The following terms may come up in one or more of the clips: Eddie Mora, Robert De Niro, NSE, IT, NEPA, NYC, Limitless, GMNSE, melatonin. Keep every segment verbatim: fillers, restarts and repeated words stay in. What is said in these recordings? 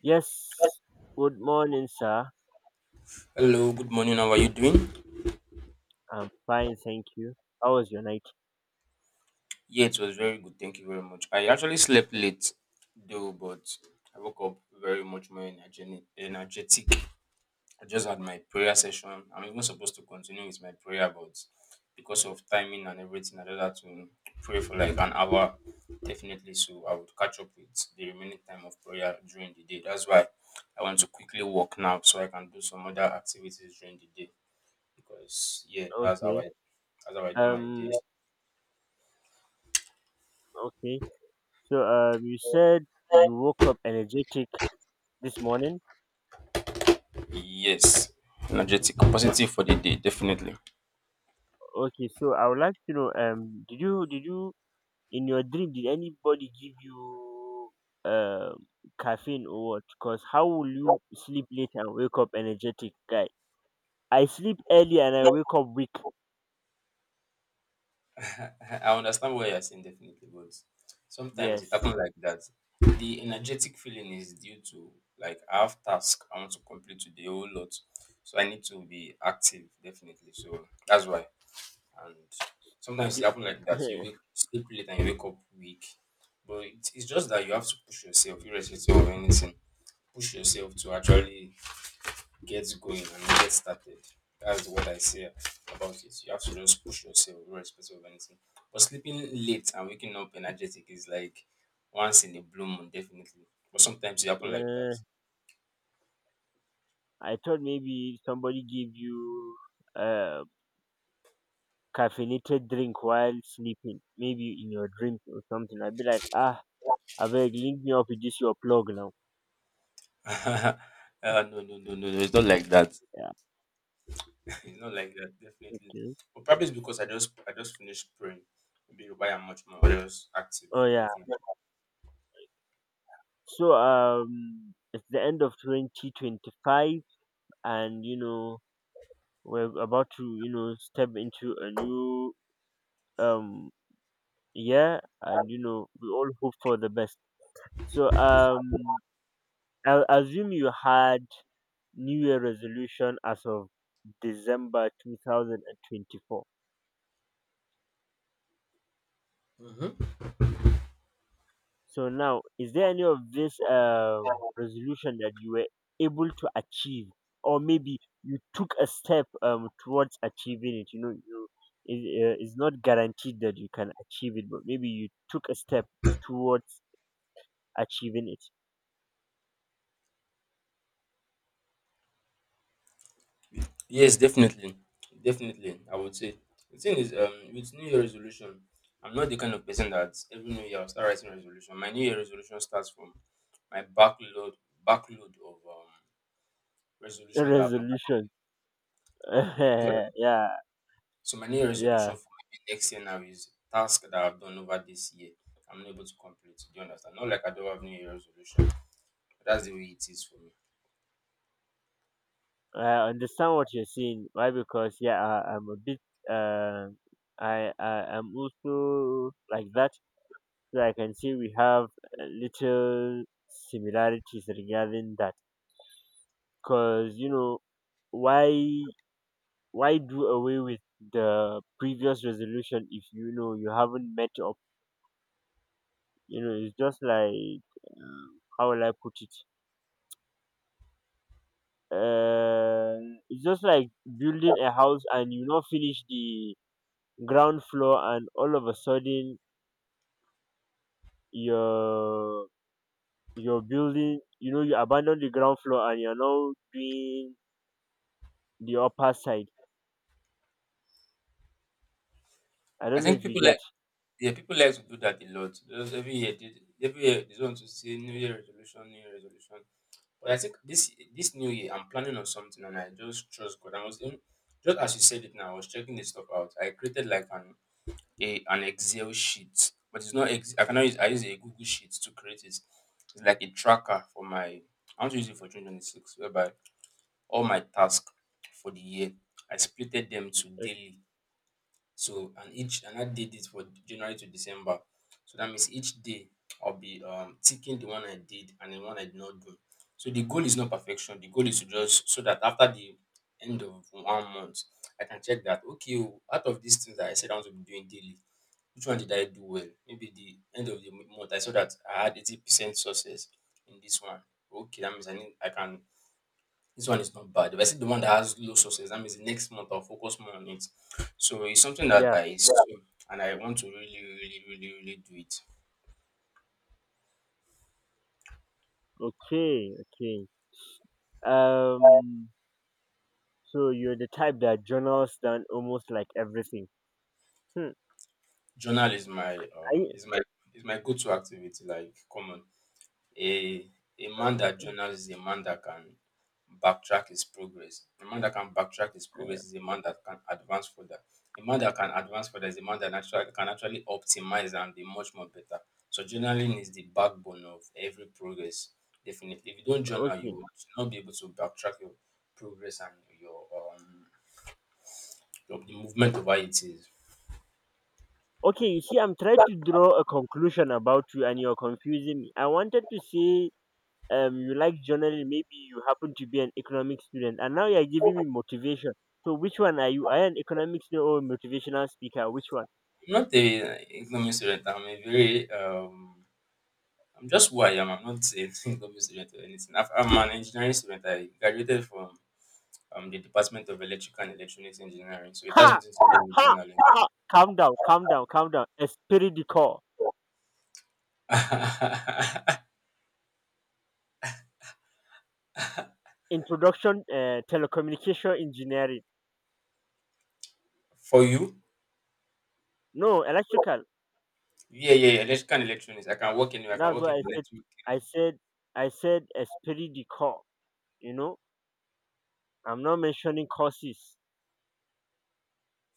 Yes. Good morning, sir. Hello, good morning. How are you doing? I'm fine, thank you. How was your night? Yeah, it was very good. Thank you very much. I actually slept late though, but I woke up very much more energetic. energetic. I just had my prayer session. I'm even supposed to continue with my prayer, but because of timing and everything, I just had to pray for like an hour, definitely. So I would catch up with the remaining time of prayer during the day. That's why I want to quickly walk now so I can do some other activities during the day because, yeah, that's how I, Okay. that's how I do my day. Um. Okay. So, um, you said you woke up energetic this morning. Yes. Energetic, positive for the day, definitely. Okay. So, I would like to know, um, did you did you in your dream did anybody give you um caffeine or what? Because how will you sleep late and wake up energetic, guy? I sleep early and I wake up weak. I I understand why you're saying definitely, but sometimes it Yes. happens like that. The energetic feeling is due to like I have task I want to complete today a whole lot. So I need to be active definitely. So that's why. And sometimes it The- happens like that. You wake sleep late and you wake up weak. But it, it's just that you have to push yourself, irrespective of anything. Push yourself to actually get going and get started. That's what I say about it. You have to just push yourself, irrespective of anything. But sleeping late and waking up energetic is like once in a blue moon, definitely. But sometimes it happen like uh, I thought maybe somebody gave you a caffeinated drink while sleeping, maybe in your dreams or something. I'd be like, ah, I beg, link me up with this your plug now. that. Uh, no, no, no, no, no. It's not like that. Yeah, It's not like that, definitely. okay. But probably it's because I just I just finished praying. Maybe why I'm much more just active, Oh yeah. definitely. So um, it's the end of twenty twenty-five, and you know we're about to you know step into a new um year, and you know we all hope for the best. So um, I'll assume you had new year resolution as of December two thousand twenty-four. So now, is there any of this uh, resolution that you were able to achieve, or maybe you took a step um, towards achieving it? You know, you it, uh, it's not guaranteed that you can achieve it, but maybe you took a step towards achieving it. Yes, definitely, definitely. I would say the thing is, um, with New Year resolution, I'm not the kind of person that every New Year I'll start writing resolution. My New Year resolution starts from my backload backload of um, resolution that I've not Resolution. completed. Yeah. So my New Year Yeah, resolution for maybe next year now is task that I've done over this year. I'm not able to complete. Do you understand? Not like I don't have New Year resolution. But that's the way it is for me. I understand what you're saying. Why? Because yeah, I, I'm a bit. Uh, I I am also like that. So I can see we have a little similarities regarding that. Cause you know, why why do away with the previous resolution if you know you haven't met up? You know, it's just like um, how will I put it? Uh, it's just like building a house, and you not finish the ground floor, and all of a sudden your your building, you know you abandon the ground floor and you're now doing the upper side. I I don't know think if you people like get. yeah, people like to do that a lot. Just every year, they- every year they just want to say New Year resolution, New Year resolution. But I think this this new year I'm planning on something and I just trust God. I was in just as you said it now, I was checking this stuff out. I created like an a an Excel sheet. But it's not ex- I cannot use I use a Google Sheet to create it. It's like a tracker for my I want to use it for twenty twenty-six, whereby all my tasks for the year I splitted them to Ok- daily so and each and I did it for January to December. So that means each day I'll be um ticking the one I did and the one I did not do. So the goal is not perfection. The goal is to just so that after the end of one month, I can check that okay, oh, out of these things that I said I want to be doing daily, which one did I do well? Maybe the end of the month I saw that I had eighty percent success in this one. Okay, that means I need I can this one is not bad. If I said the one that has low success, that means the next month I'll focus more on it. So it's something that yeah. I yeah. And I want to really, really, really, really do it. Okay. Okay. um so you're the type that journals down almost like everything. Hmm. Journal is my um I, is my is my go-to activity, like common. A a man that journals is a man that can backtrack his progress. A man that can backtrack his progress is a man that can advance further. A man that can advance further is a man that actually can actually optimize and be much more better. So journaling is the backbone of every progress. Definitely, if you don't journal, you okay. will not be able to backtrack your progress and your um your the movement of how it is. Okay, you see, I'm trying to draw a conclusion about you and you're confusing me. I wanted to say, um you like journaling, maybe you happen to be an economics student and now you're giving me motivation. So which one are you? Are you an economics student or a motivational speaker? Which one? I'm not a economic student. I'm a very um I'm just who I am. I'm not a government student or anything. I've- I'm an engineering student. I graduated from um, the Department of Electrical and Electronics Engineering, so it has Ha nothing to do with ha journaling. ha, calm down, calm down, calm down, esprit de corps. Introduction, uh, telecommunication engineering. For you? No, electrical. Yeah, yeah, yeah, electrical and electronics. I can work anywhere. I can That's work what in the I said. network. i said I said esprit de corps. You know, I'm not mentioning courses.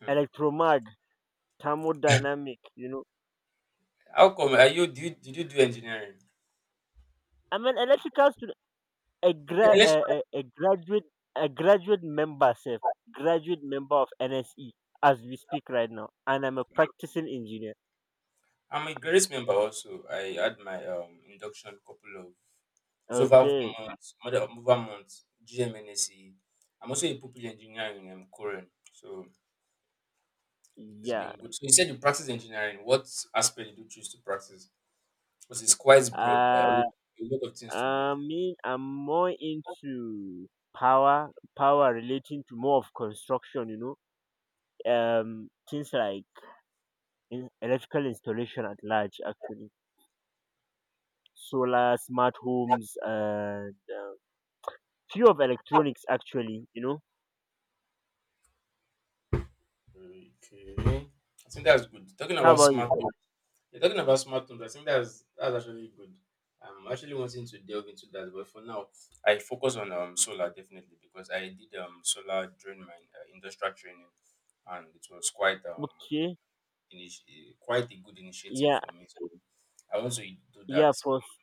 Hmm. Electromag, thermodynamic, you know. How come? Are you? Do you, did you do engineering? I'm an electrical student, a, Yeah, gra- electrical. a, a, a graduate. A graduate member self, graduate member of N S E as we speak right now, and I'm a practicing engineer. I'm a graduate member also. I had my um, induction couple of it's over Okay. four months, more than over months. G M N S E. I'm also a pupil engineer in um, Korean. So it's Yeah. been good. So you said you practice engineering. What aspect did you choose to practice? Because it's quite broad. I uh already a lot of things to do. I mean, I'm more into power, power relating to more of construction, you know, um things like in electrical installation at large, actually. Solar, smart homes, and uh, few of electronics actually, you know. Okay. I think that's good. Talking How about about you? smart home. You're talking about smart homes. I think that's that's actually good. I'm actually wanting to delve into that, but for now, I focus on um solar definitely because I did um solar during my uh, industrial training, and it was quite um Okay. initi- quite a good initiative Yeah. for me. So I want to do that. Yeah, for s-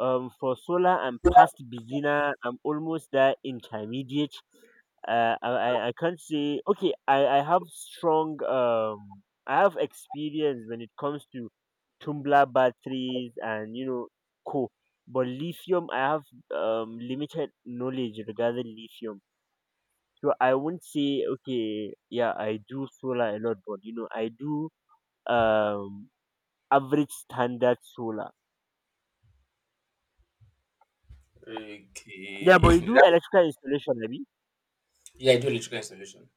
um for solar I'm past beginner. I'm almost there, intermediate. Uh, I I I can't say okay. I I have strong um I have experience when it comes to tumbler batteries and you know co. But lithium, I have um limited knowledge regarding lithium. So I won't say okay. Yeah, I do solar a lot, but you know I do um average standard solar. Yeah, Okay, but you do electrical installation, maybe. yeah, I do electrical installation.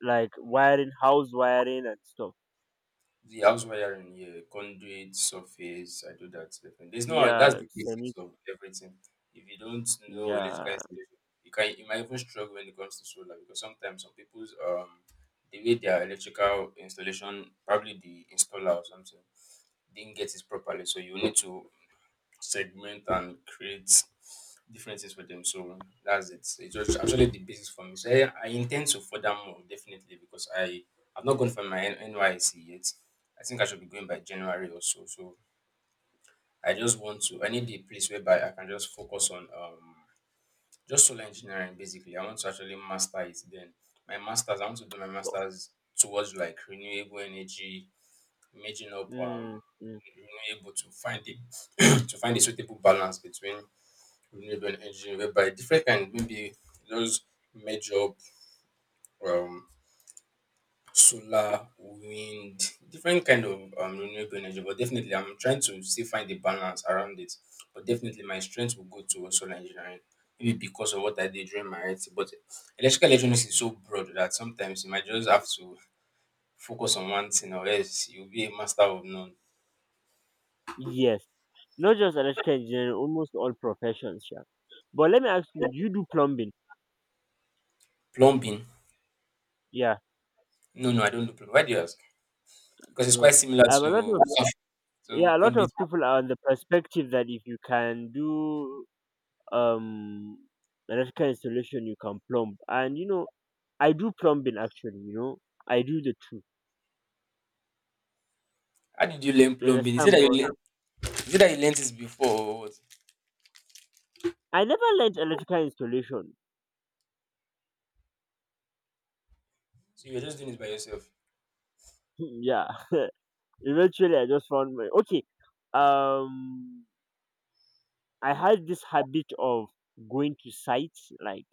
Like wiring, house wiring, and stuff. The house wiring, yeah, conduit, surface, I do that, definitely. There's no that's Yeah, the basics semi. of everything. If you don't know electrical Yeah. installation, you can you might even struggle when it comes to solar because sometimes some people's um the way their electrical installation, probably the installer or something, didn't get it properly. So you need to segment and create different things for them. So that's it. It's just actually the basis for me. So I, I intend to further more definitely because I I've not gone for my N- NYC yet. I think I should be going by January or so. So I just want to. I need a place whereby I can just focus on um just solar engineering basically. I want to actually master it. Then my masters. I want to do my but- masters towards like renewable energy, making up um Mm, mm, renewable to find the to find a suitable balance between renewable energy whereby different kind maybe those major um solar wind different kind of um renewable energy, but definitely I'm trying to still find the balance around it. But definitely my strength will go towards solar engineering, maybe because of what I did during my I T. But electrical electronics is so broad that sometimes you might just have to focus on one thing or else you'll be a master of none. yes. Not just electrical engineering, almost all professions. Yeah. But let me ask you: you do plumbing? Plumbing? Yeah. No, no, I don't do plumbing. Why do you ask? Because it's No. quite similar Um, a to lot of, to yeah, a lot of conduit. people are on the perspective that if you can do um electrical installation, you can plumb. And you know, I do plumbing actually. You know, I do the two. How did you learn You plumbing? Is it understand? that you But learn is it that you learnt this before or what? I never learned electrical installation. So you're just doing it by yourself? Yeah. Eventually, I just found my okay. Um, I had this habit of going to sites. Like,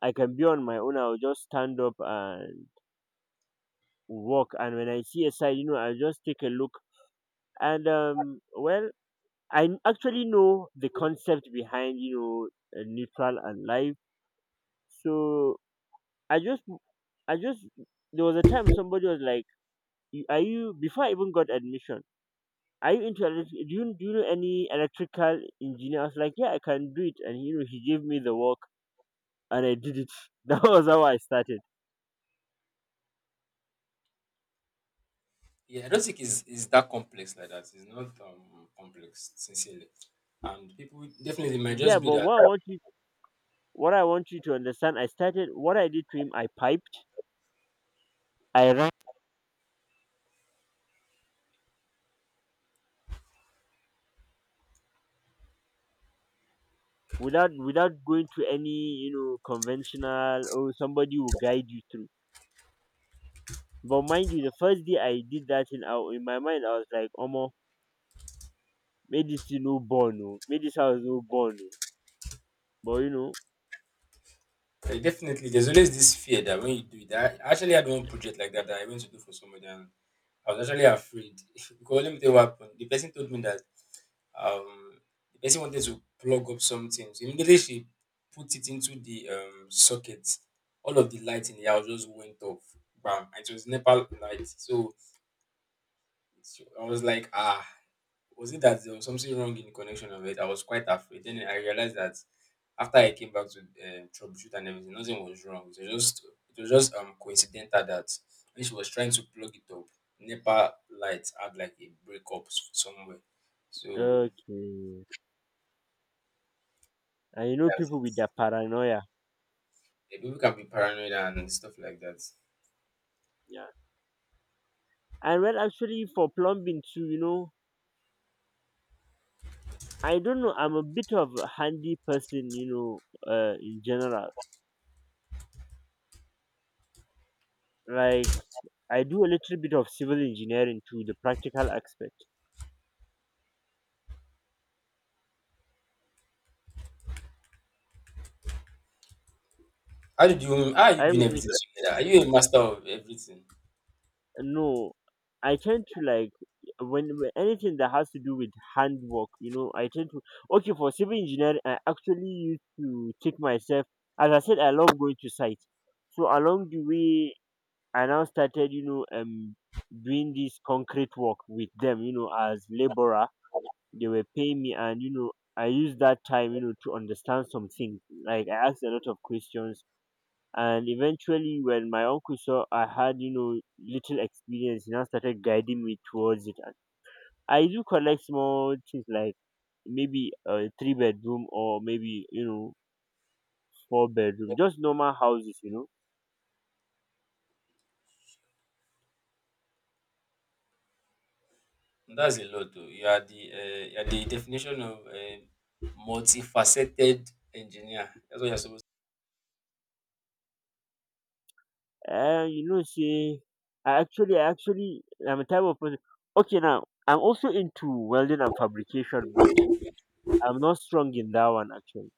I can be on my own. I'll just stand up and walk. And when I see a site, you know, I'll just take a look. And um, well, I n- actually know the concept behind you know uh, neutral and live. So I just, I just, there was a time somebody was like, "You-" "Are you?" Before I even got admission. Are you into electric? Do you, do you know any electrical engineer? I was like, yeah, I can do it. And you know, he gave me the work, and I did it. That was how I started. Yeah, I don't think it's, it's that complex like that. It's not um complex, sincerely. And people definitely it might just Yeah, be but that. what I want you, what I want you to understand, I started. What I did to him, I piped, I ran without without going to any you know conventional. Oh, somebody will guide you through. But mind you, the first day I did that, in our in my mind, I was like, Omo, made this thing no born, oh, made this house no born, no. But you uh, Definitely, there's always this fear that when you do it, I actually had one project like that that I went to do for somebody, and I was actually afraid because let me tell you what happened. The person told me that um the person wanted to plug up something. So immediately she put it into the um socket. All of the lights in the house just went off. Bam! And it was Nepal light. So so I was like, ah, was it that there was something wrong in the connection of it? I was quite afraid. Then I realized that after I came back to um, troubleshoot and everything, nothing was wrong. It was just it was just um coincidental that when she was trying to plug it up, NEPA light had like a breakup s- somewhere. know, So okay. And you know that's it. people with their paranoia. Yeah, people can be paranoid and stuff like that. Yeah. And well, actually, for plumbing too, you know, I don't know. I'm a bit of a handy person, you know, uh, in general. Like, I do a little bit of civil engineering too, the practical aspect. How did you how are you I doing would re- everything together? Are you a master of everything? no, I tend to like, when, when anything that has to do with handwork, you know, I tend to, okay, for civil engineering, I actually used to take myself, as I said, I love going to site. So along the way, I now started, you know, um, doing this concrete work with them, you know, as laborer. They were paying me, and you know, I used that time, you know, to understand some things. Like, I asked a lot of questions, and eventually, when my uncle saw I had, you know, little experience, he now started guiding me towards it. And I do collect small things like maybe a three bedroom or maybe you know four bedroom, just normal houses, you know. That's a lot though. You are the uh, you are the definition of a multifaceted engineer. That's what you're supposed to Uh, you know, say I actually, I actually, I'm a type of person. Okay, now I'm also into welding and fabrication, but I'm not strong in that one actually.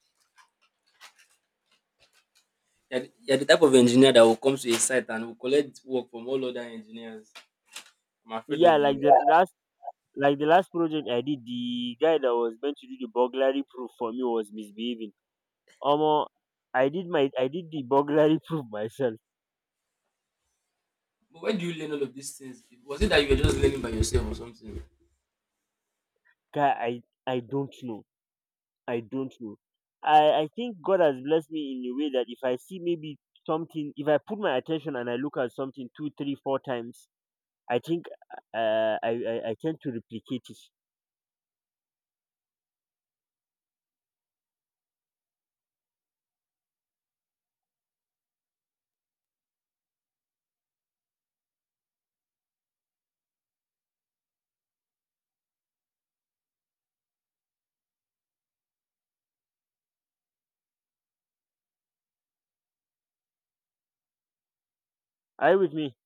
you're the, you're the type of engineer that will come to a site and will collect work from all other engineers. I'm afraid of Yeah, like you. the last, like the last project I did, the guy that was meant to do the burglary proof for me was misbehaving. Omo, I did my, I did the burglary proof myself. But where do you learn all of these things? Was it that you were just learning by yourself or something? Guy, I, I don't know, I don't know. I, I think God has blessed me in a way that if I see maybe something, if I put my attention and I look at something two three four times, I think uh, I, I I tend to replicate it. Are you with me?